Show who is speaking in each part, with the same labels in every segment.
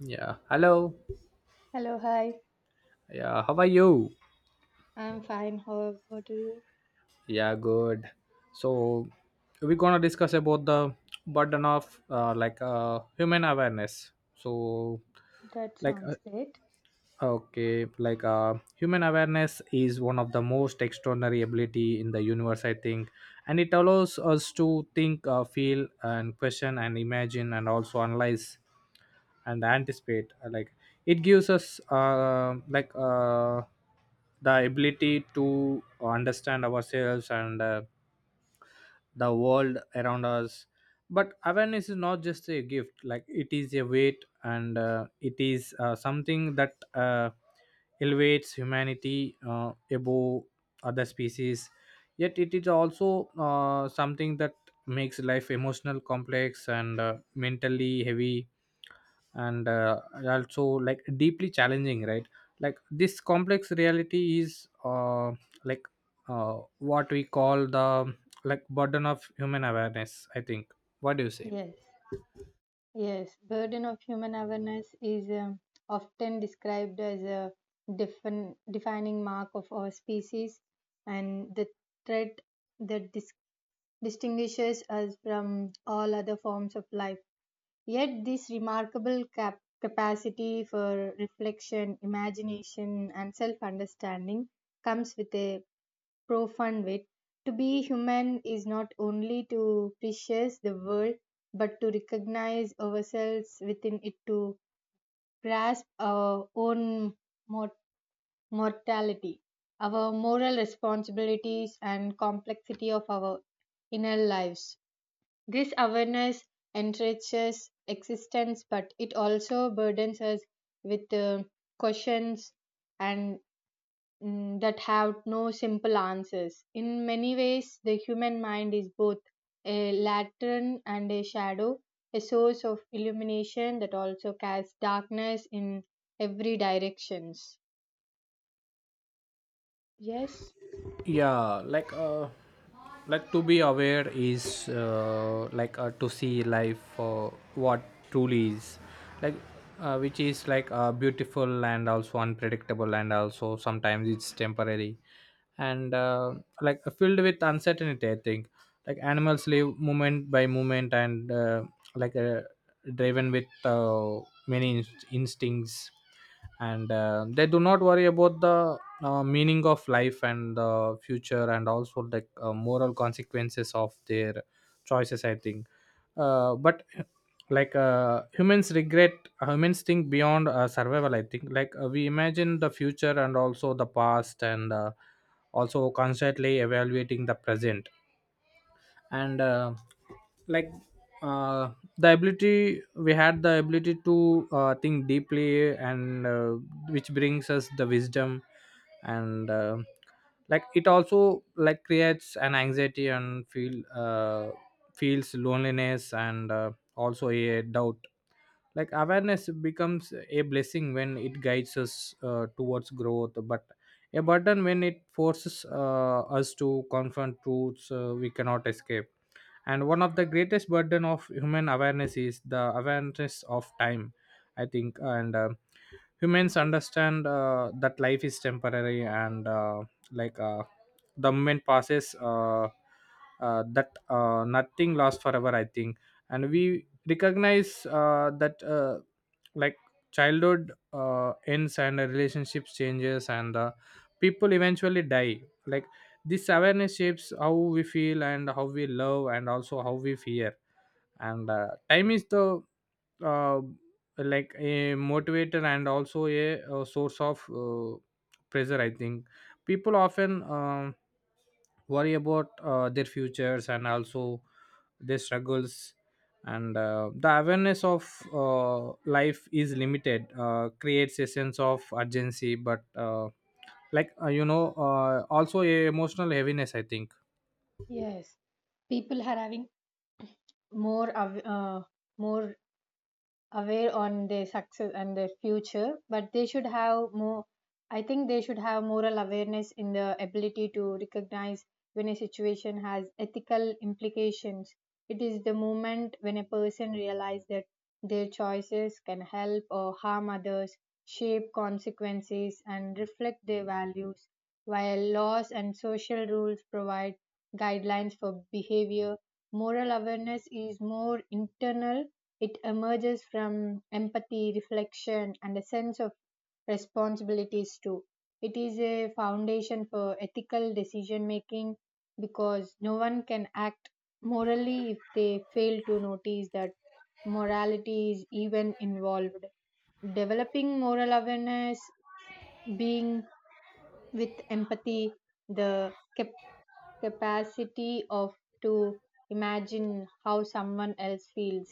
Speaker 1: Yeah. Hello.
Speaker 2: Hello, hi.
Speaker 1: Yeah. How are you?
Speaker 2: I'm fine. How about you?
Speaker 1: Yeah. Good. So we're gonna discuss about the burden of like human awareness. So
Speaker 2: That
Speaker 1: like
Speaker 2: sounds great.
Speaker 1: okay, like human awareness is one of the most extraordinary ability in the universe, I think. And it allows us to think, feel and question and imagine and also analyze and anticipate. Like it gives us like the ability to understand ourselves and the world around us. But awareness is not just a gift, like it is a weight, and it is something that elevates humanity above other species. Yet it is also something that makes life emotional complex and mentally heavy, and also like deeply challenging, right? Like this complex reality is like what we call the like burden of human awareness, I think. What do you say?
Speaker 2: Yes, yes. Burden of human awareness is often described as a defining mark of our species and the trait that distinguishes us from all other forms of life. Yet, this remarkable capacity for reflection, imagination, and self understanding comes with a profound way. To be human is not only to appreciate the world, but to recognize ourselves within it, to grasp our own mor- mortality, our moral responsibilities, and complexity of our inner lives. This awareness enriches existence, but it also burdens us with questions and that have no simple answers. In many ways, the human mind is both a lantern and a shadow, a source of illumination that also casts darkness in every directions. Yes,
Speaker 1: Yeah, like to be aware is like to see life for what truly is, like which is like beautiful and also unpredictable and also sometimes it's temporary, and like filled with uncertainty, I think. Like animals live moment by moment, and like driven with many instincts, and they do not worry about the meaning of life and the future and also like moral consequences of their choices, I think. But like humans regret, humans think beyond survival, I think. Like we imagine the future and also the past, and also constantly evaluating the present, and like uh, the ability we had the ability to think deeply, and which brings us the wisdom, and like it also like creates an anxiety and feels loneliness and also a doubt. Like awareness becomes a blessing when it guides us towards growth, but a burden when it forces us to confront truths we cannot escape. And one of the greatest burden of human awareness is the awareness of time, I think, and humans understand that life is temporary, and like the moment passes, that nothing lasts forever, I think. And we recognize that like childhood ends and the relationships changes, and people eventually die. Like this awareness shapes how we feel and how we love and also how we fear. And time is the uh, like a motivator, and also a source of pressure, I think. People often worry about their futures and also their struggles, and the awareness of life is limited creates a sense of urgency, but like also a emotional heaviness, I think.
Speaker 2: Yes, people are having more more aware on their success and their future, but they should have more. I think they should have moral awareness in the ability to recognize when a situation has ethical implications. It is the moment when a person realizes that their choices can help or harm others, shape consequences and reflect their values. While laws and social rules provide guidelines for behavior, moral awareness is more internal. It emerges from empathy, reflection, and a sense of responsibilities too. It is a foundation for ethical decision making, because no one can act morally if they fail to notice that morality is even involved. Developing moral awareness, being with empathy, the capacity of to imagine how someone else feels,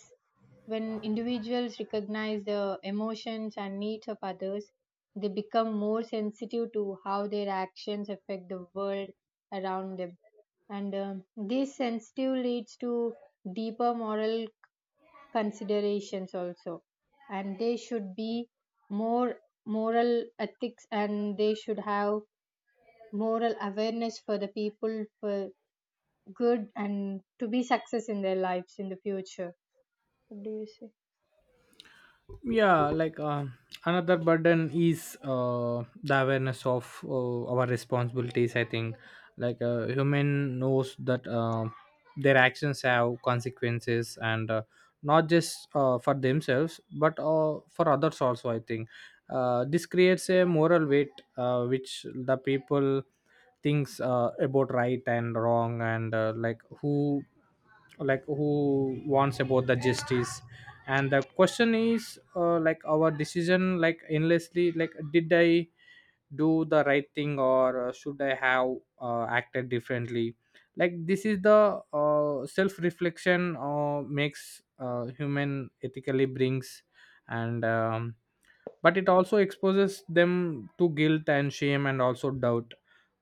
Speaker 2: when individuals recognize the emotions and needs of others, they become more sensitive to how their actions affect the world around them, and this sensitive leads to deeper moral considerations also, and they should be more moral ethics and they should have moral awareness for the people for good and to be success in their lives in the future. What do you say?
Speaker 1: Yeah, like another burden is the awareness of our responsibilities, I think. Like a human knows that their actions have consequences, and not just for themselves but for others also, I think. This creates a moral weight which the people thinks about right and wrong, and like who wants about the justice. And the question is like our decision like endlessly, like did I do the right thing, or should I have acted differently? Like this is the self reflection makes human ethically brings. And But it also exposes them to guilt and shame and also doubt.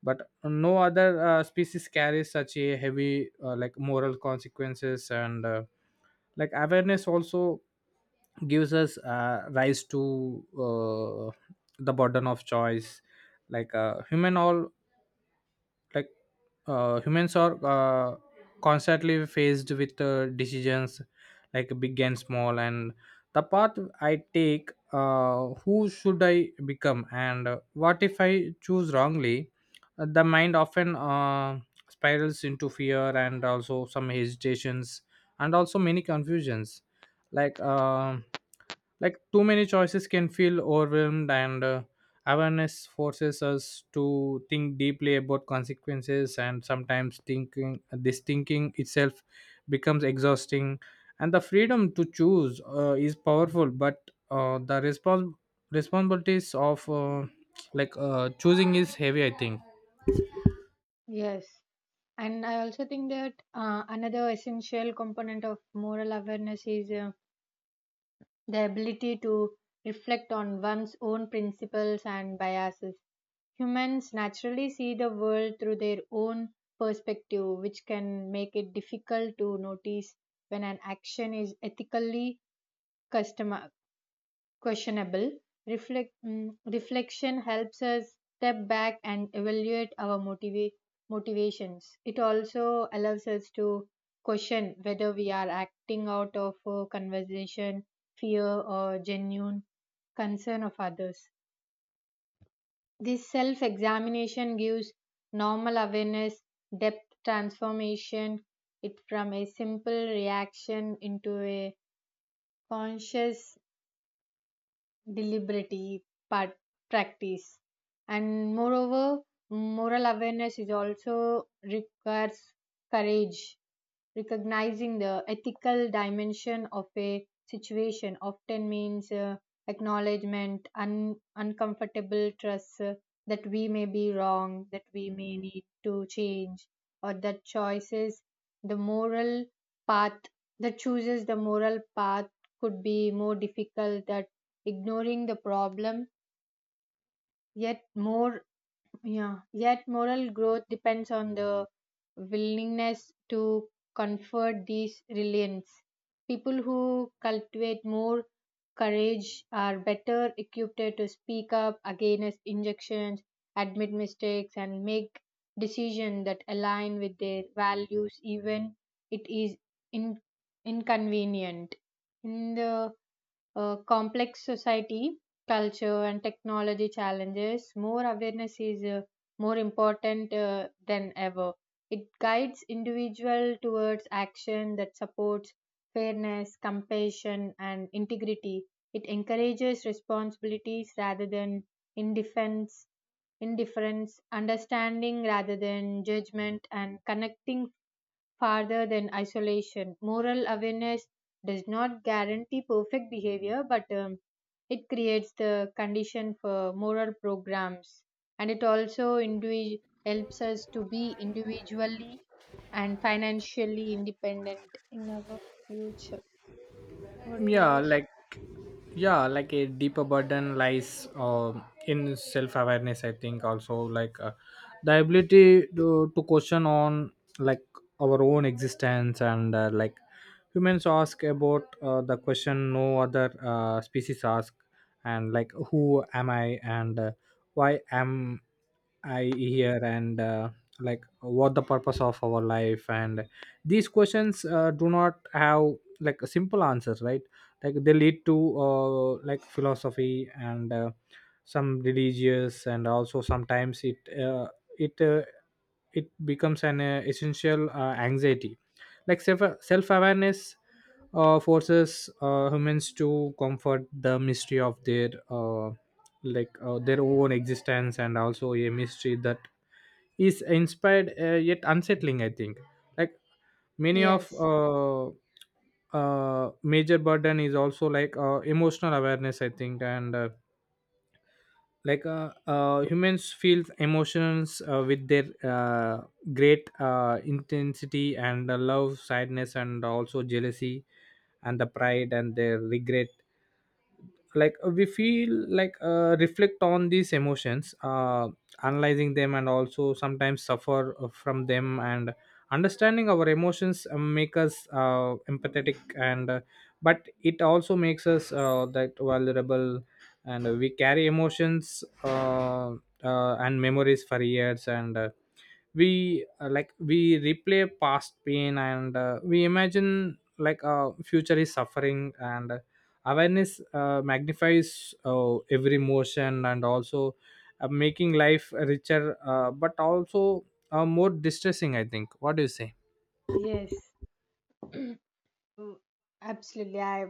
Speaker 1: But no other species carries such a heavy like moral consequences, and like awareness also gives us rise to uh, the burden of choice. Like human all like humans are constantly faced with decisions, like big and small, and the path I take, who should I become, and what if I choose wrongly? The mind often spirals into fear and also some hesitations and also many confusions. Like like too many choices can feel overwhelmed, and awareness forces us to think deeply about consequences, and sometimes thinking this thinking itself becomes exhausting. And the freedom to choose is powerful, but the responsibilities of like choosing is heavy, I think.
Speaker 2: Yes, and I also think that another essential component of moral awareness is the ability to reflect on one's own principles and biases. Humans naturally see the world through their own perspective, which can make it difficult to notice when an action is ethically custom- questionable. Reflect, reflection helps us step back and evaluate our motivations. It also allows us to question whether we are acting out of conversation, fear, or genuine concern of others. This self examination gives normal awareness, depth transformation, it from a simple reaction into a conscious deliberate part, practice. And moreover, moral awareness is also requires courage. Recognizing the ethical dimension of a situation often means acknowledgement, uncomfortable trust that we may be wrong, that we may need to change, or that choices, the moral path, that chooses the moral path could be more difficult. That ignoring the problem, yet more, yeah, yet moral growth depends on the willingness to comfort these reliance. People who cultivate more courage are better equipped to speak up against injunctions, admit mistakes, and make decisions that align with their values, even it is in- inconvenient. In the complex society, culture, and technology challenges, more awareness is more important than ever. It guides individual towards action that supports fairness, compassion, and integrity. It encourages responsibilities rather than indifference, indifference, understanding rather than judgment, and connecting farther than isolation. Moral awareness does not guarantee perfect behavior, but it creates the condition for moral programs, and it also helps us to be individually and financially independent in our future. What do
Speaker 1: yeah
Speaker 2: you? S-
Speaker 1: like yeah like a deeper burden lies in self-awareness, I think, also like the ability to question on like our own existence, and like humans ask about the question no other species ask. And like who am I, and why am I here, and like what the purpose of our life? And these questions do not have like a simple answers, right? Like they lead to like philosophy and some religious, and also sometimes uh, it uh, it becomes an essential anxiety. Like self awareness forces humans to comfort the mystery of their like their own existence, and also a mystery that is inspired yet unsettling, I think. Like many of
Speaker 2: Yes,
Speaker 1: Major burden is also like emotional awareness, I think, and like humans feel emotions with their great intensity, and the love sadness and also jealousy and the pride and their regret. Like we feel like reflect on these emotions, analyzing them and also sometimes suffer from them. And understanding our emotions make us empathetic, and but it also makes us that vulnerable. And we carry emotions and memories for years, and we like we replay past pain, and we imagine like future is suffering, and awareness magnifies every emotion, and also making life richer, but also more distressing, I think. What do you say?
Speaker 2: yes, Mm, absolutely. I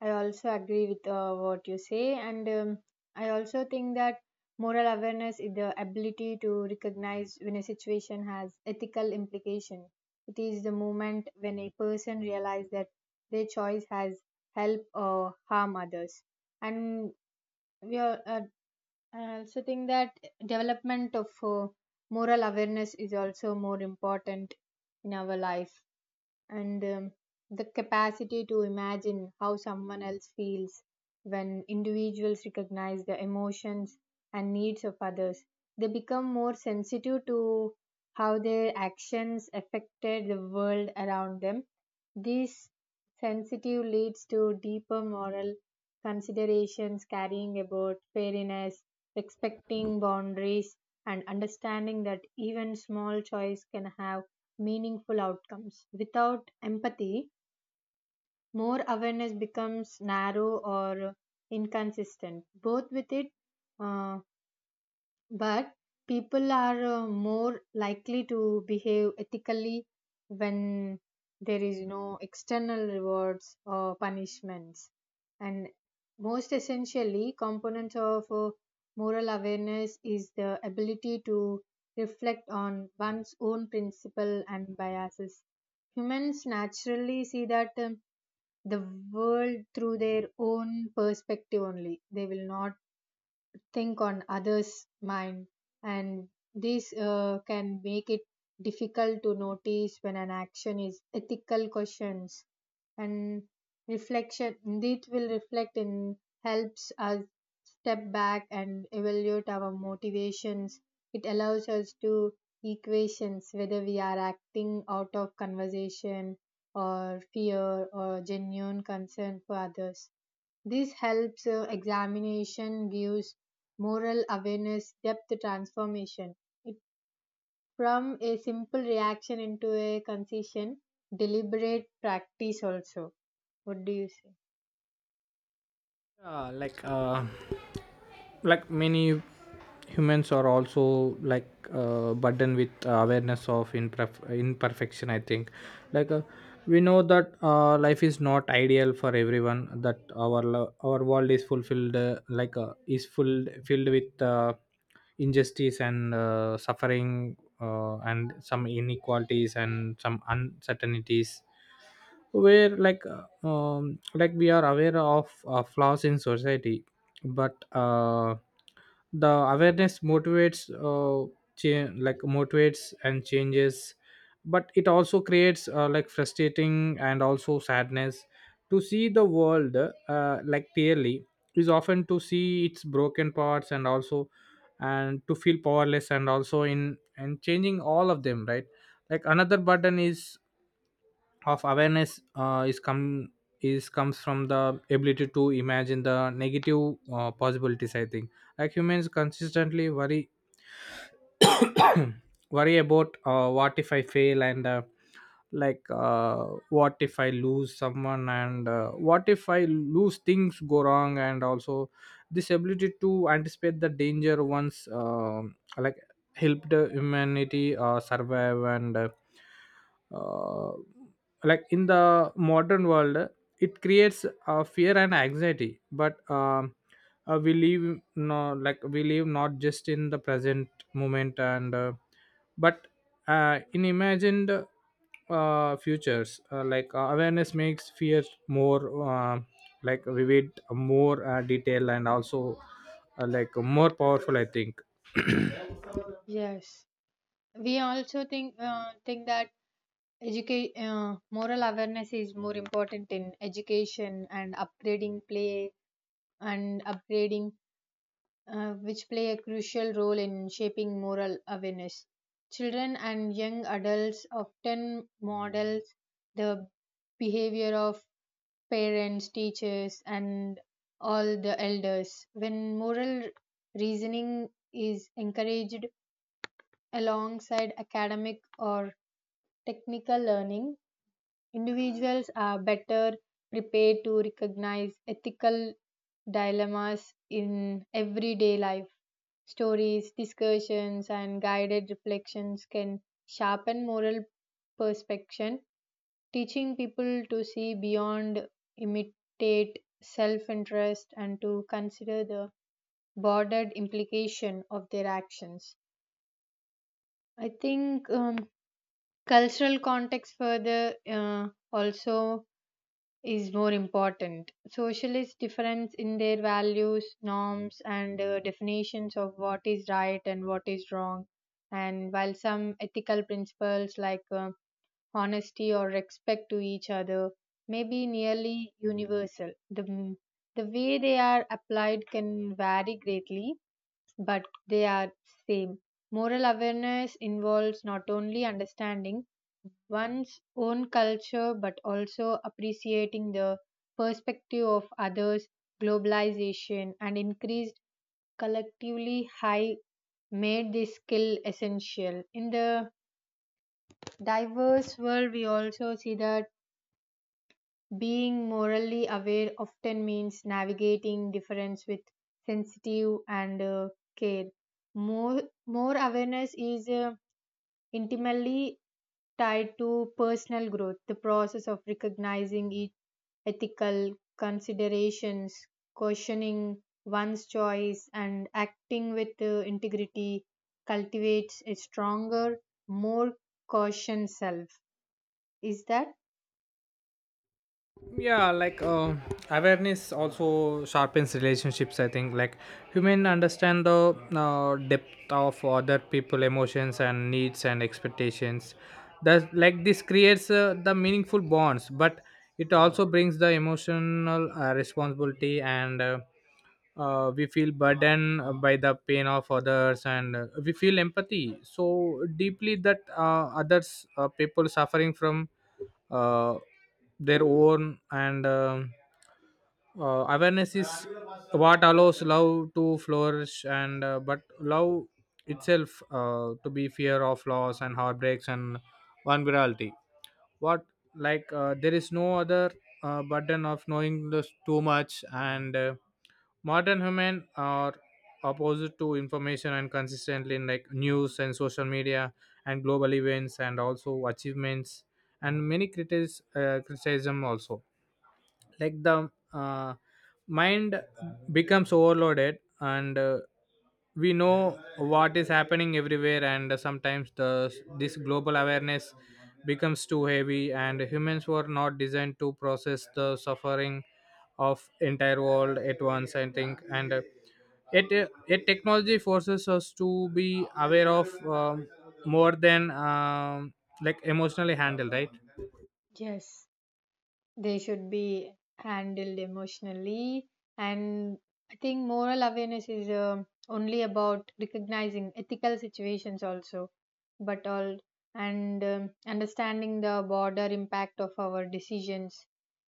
Speaker 2: I also agree with what you say, and I also think that moral awareness is the ability to recognize when a situation has ethical implication. It is the moment when a person realizes that their choice has help or harm others. And we are, I also think that development of moral awareness is also more important in our life, and the capacity to imagine how someone else feels, when individuals recognize the emotions and needs of others, they become more sensitive to how their actions affected the world around them. This sensitive leads to deeper moral considerations, carrying about fairness, respecting boundaries, and understanding that even small choice can have meaningful outcomes. Without empathy, more awareness becomes narrow or inconsistent. Both with it, uh, but people are more likely to behave ethically when there is no external rewards or punishments. And most essentially, component of moral awareness is the ability to reflect on one's own principle and biases. Humans naturally see that the world through their own perspective only. They will not think on others' mind, and this can make it difficult to notice when an action is ethical questions and reflection. This will reflect in helps us step back and evaluate our motivations. It allows us to equations whether we are acting out of conversation or fear or genuine concern for others. This helps examination gives moral awareness depth transformation. It from a simple reaction into a concession, deliberate practice also. What do you say?
Speaker 1: Like like many humans are also like burdened with awareness of imperfection, I think. Like we know that life is not ideal for everyone, that our our world is fulfilled like is full filled with injustice and suffering and some inequalities and some uncertainties. Where like we are aware of flaws in society, but the awareness motivates like motivates and changes, but it also creates like frustrating and also sadness. To see the world like clearly is often to see its broken parts, and also and to feel powerless and also in and changing all of them, right? Like another burden is of awareness is comes from the ability to imagine the negative possibilities, I think. Like humans consistently worry worry about what if I fail, and like what if I lose someone, and what if I lose things go wrong, and also this ability to anticipate the danger once like helped humanity survive, and uh, like in the modern world it creates fear and anxiety, but we live no, like we live not just in the present moment, and but in imagined futures, like awareness makes fear more uh, like vivid, more detailed, and also like more powerful, I think.
Speaker 2: Yes, we also think that educate moral awareness is more important in education and upgrading play and upgrading which play a crucial role in shaping moral awareness. Children and young adults often model the behavior of parents, teachers, and all the elders. When moral reasoning is encouraged alongside academic or technical learning, individuals are better prepared to recognize ethical dilemmas in everyday life. Stories, discussions, and guided reflections can sharpen moral perception, teaching people to see beyond, imitate self interest, and to consider the broader implication of their actions. I think cultural context further also is more important. Socialists difference in their values, norms, and definitions of what is right and what is wrong. And while some ethical principles like honesty or respect to each other may be nearly universal, the way they are applied can vary greatly, but they are same. Moral awareness involves not only understanding one's own culture but also appreciating the perspective of others. Globalization and increased collectively high made this skill essential in the diverse world. We also see that being morally aware often means navigating difference with sensitive and care. More awareness is intimately tied to personal growth. The process of recognizing each ethical considerations, questioning one's choice, and acting with integrity cultivates a stronger, more cautious self. Is that?
Speaker 1: Yeah, like awareness also sharpens relationships, I think. Like human understand the depth of other people emotions and needs and expectations, that like this creates the meaningful bonds, but it also brings the emotional responsibility, and we feel burdened by the pain of others, and we feel empathy so deeply that others people suffering from uh, their own. And Awareness is what allows love to flourish, and but love itself to be fear of loss and heartbreaks and vulnerability. What, like there is no other burden of knowing this too much, and modern human are opposed to information and consistently in like news and social media and global events and also achievements and many criticism also. Like the mind becomes overloaded, and we know what is happening everywhere, and sometimes the this global awareness becomes too heavy, and humans were not designed to process the suffering of entire world at once, I think. And it it technology forces us to be aware of more than like emotionally handled, right?
Speaker 2: Yes, they should be handled emotionally, and I think moral awareness is only about recognizing ethical situations also, but all, and understanding the broader impact of our decisions.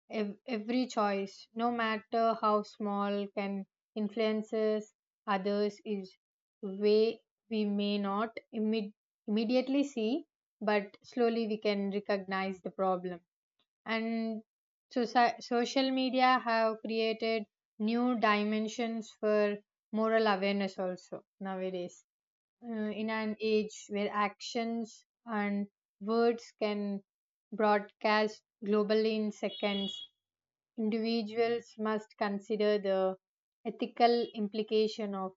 Speaker 2: Every choice, no matter how small, can influences others is way we may not immediately see, but slowly we can recognize the problem. And social media have created new dimensions for moral awareness also nowadays. In an age where actions and words can broadcast globally in seconds, individuals must consider the ethical implication of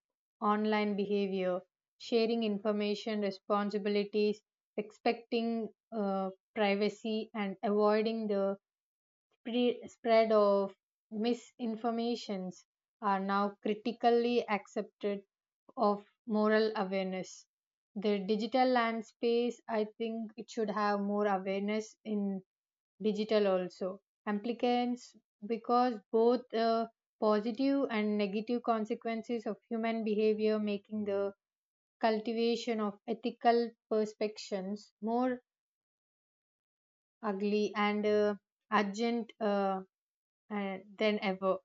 Speaker 2: online behavior, sharing information responsibilities, respecting uh, privacy, and avoiding the spread of misinformations are now critically accepted of moral awareness. The digital land space, I think, it should have more awareness in digital also applicants, because both positive and negative consequences of human behavior making the cultivation of ethical perspectives more ugly and urgent uh, than ever.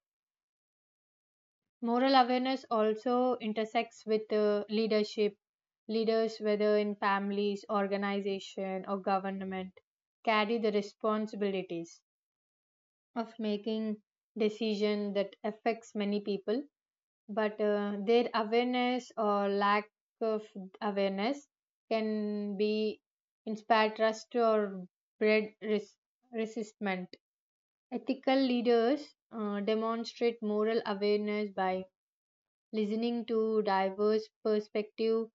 Speaker 2: Moral awareness also intersects with leadership. Leaders, whether in families, organization, or government, carry the responsibilities of making decision that affects many people. But their awareness or lack of awareness can be inspire trust or breed resistment. Ethical leaders demonstrate moral awareness by listening to diverse perspective,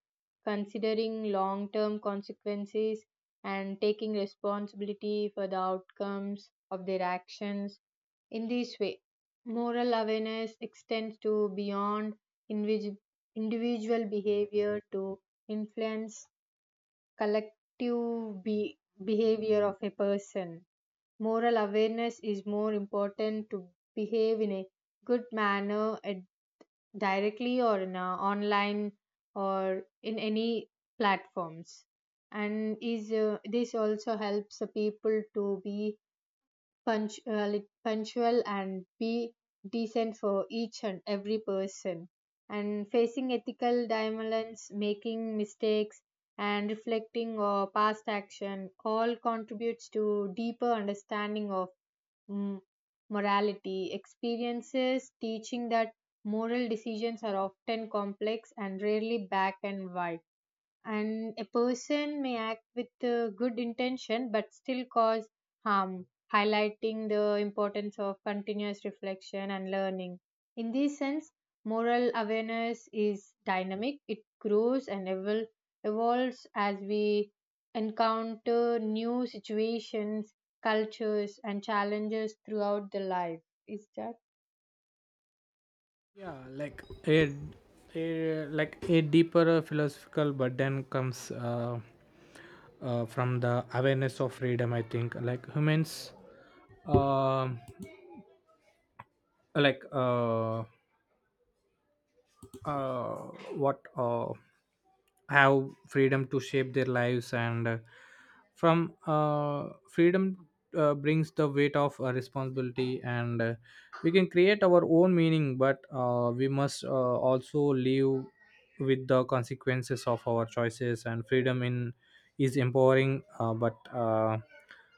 Speaker 2: considering long-term consequences and taking responsibility for the outcomes of their actions. In this way, moral awareness extends to beyond individ- individual behavior to influence collective behavior of a person. Moral awareness is more important to behave in a good manner at directly or in a online or in any platforms, and is this also helps the people to be punctual and be decent for each and every person, and facing ethical dilemmas, making mistakes, and reflecting on past action all contributes to deeper understanding of mm, morality. Experiences teaching that moral decisions are often complex and rarely black and white, and a person may act with good intention but still cause harm, highlighting the importance of continuous reflection and learning. In this sense, moral awareness is dynamic. It grows and evolves as we encounter new situations, cultures and challenges throughout the life. Is that?
Speaker 1: Yeah, like a like a deeper philosophical burden comes from the awareness of freedom, I think. Like humans um like uh, what have freedom to shape their lives, and from freedom brings the weight of responsibility, and we can create our own meaning, but we must also live with the consequences of our choices. And freedom in is empowering, but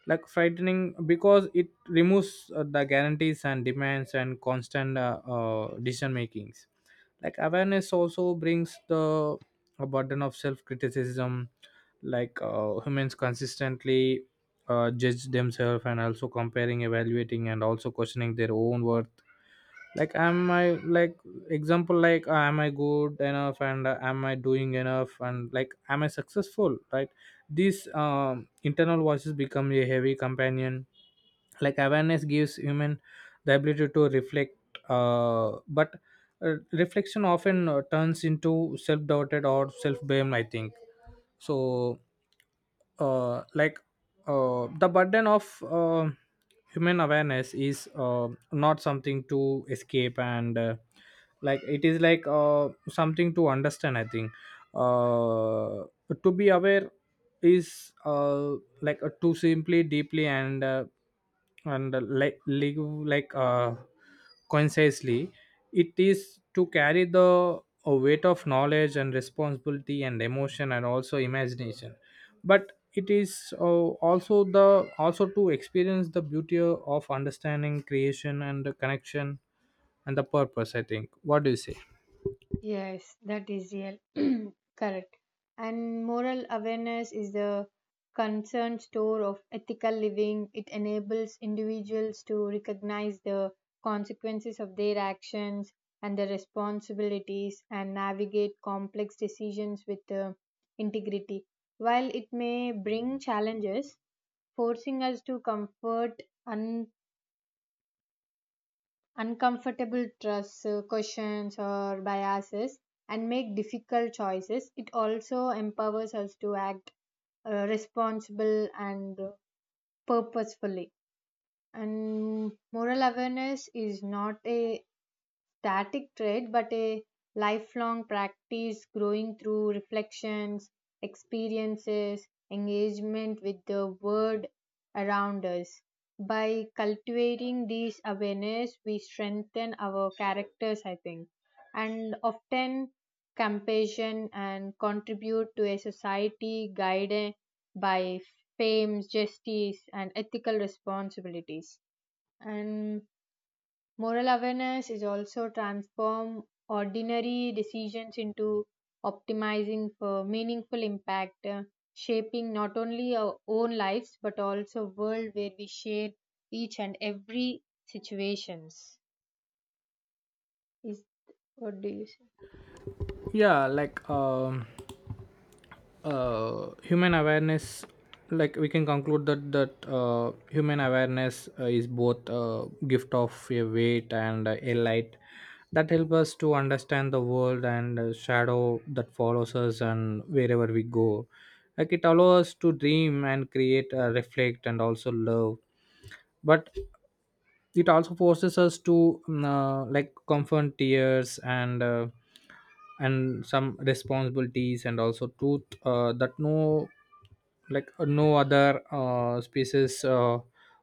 Speaker 1: like frightening, because it removes the guarantees and demands and constant decision makings. Like awareness also brings the a burden of self-criticism. Like humans consistently judge themselves and also comparing, evaluating, and also questioning their own worth. Like am I, like example, like am I good enough, and am I doing enough, and like am I successful, right? These internal voices become a heavy companion. Like awareness gives human the ability to reflect, but reflection often turns into self-doubted or self-blame, I think. So like the burden of human awareness is not something to escape, and like it is like something to understand, I think. uh, to be aware is like to simply deeply, and like live like consciously. It is to carry the weight of knowledge and responsibility and emotion and also imagination, but it is also the also to experience the beauty of understanding creation and the connection and the purpose, I think. What do you say?
Speaker 2: Yes, that is real. Correct. And moral awareness is the concerned store of ethical living. It enables individuals to recognize the consequences of their actions and their responsibilities and navigate complex decisions with integrity. While it may bring challenges, forcing us to comfort uncomfortable trusts, questions, or biases and make difficult choices. It also empowers us to act responsible and purposefully. And moral awareness is not a static trait but a lifelong practice growing through reflections, experiences, engagement with the world around us. By cultivating these awareness, we strengthen our characters, I think, and often compassion and contribute to a society guided by fame, justice, and ethical responsibilities. And moral awareness is also transform ordinary decisions into optimizing for meaningful impact, shaping not only our own lives but also world where we share each and every situations. Is, what do you say?
Speaker 1: Yeah, like human awareness, like we can conclude that human awareness is both a gift of a weight and a light that help us to understand the world, and shadow that follows us and wherever we go. Like it allows us to dream and create, reflect, and also love. But it also forces us to like comfort tears, and some responsibilities and also truth that no, like no other species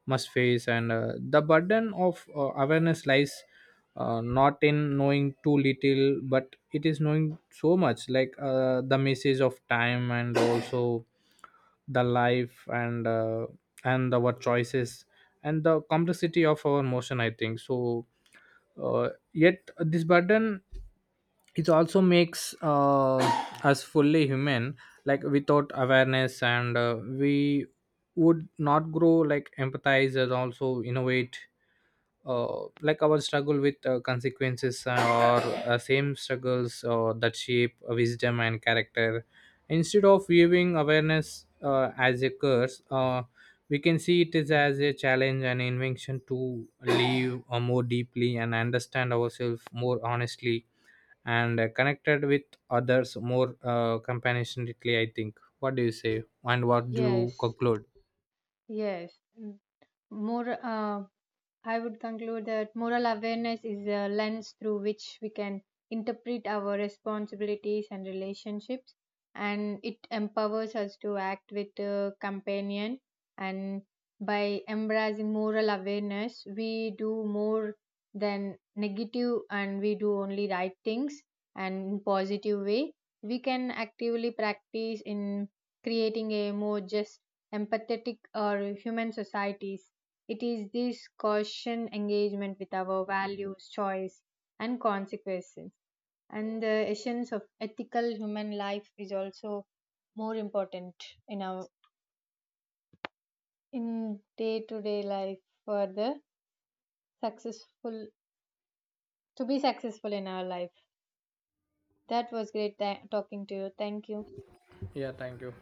Speaker 1: must face. And the burden of awareness lies not in knowing too little, but it is knowing so much, like the message of time, and also the life, and our choices, and the complexity of our motion, I think. So yet this burden it also makes us fully human. Like without awareness, and we would not grow, like empathize and also innovate. Like our struggle with consequences, or same struggles that shape wisdom and character. Instead of viewing awareness as a curse, we can see it is as a challenge and invention to live more deeply and understand ourselves more honestly, and connected with others more compassionately, I think. What do you say, and what do you
Speaker 2: Yes,
Speaker 1: conclude?
Speaker 2: yes. More. I would conclude that moral awareness is a lens through which we can interpret our responsibilities and relationships, and it empowers us to act with a companion. And by embracing moral awareness, we do more than negative and we do only right things and in positive way. We can actively practice in creating a more just, empathetic, or human societies. It is this caution engagement with our values, choice, and consequences. And the essence of ethical human life is also more important in our in day to day life for the successful to be successful in our life. That was great talking to you. Thank you.
Speaker 1: Yeah, thank you.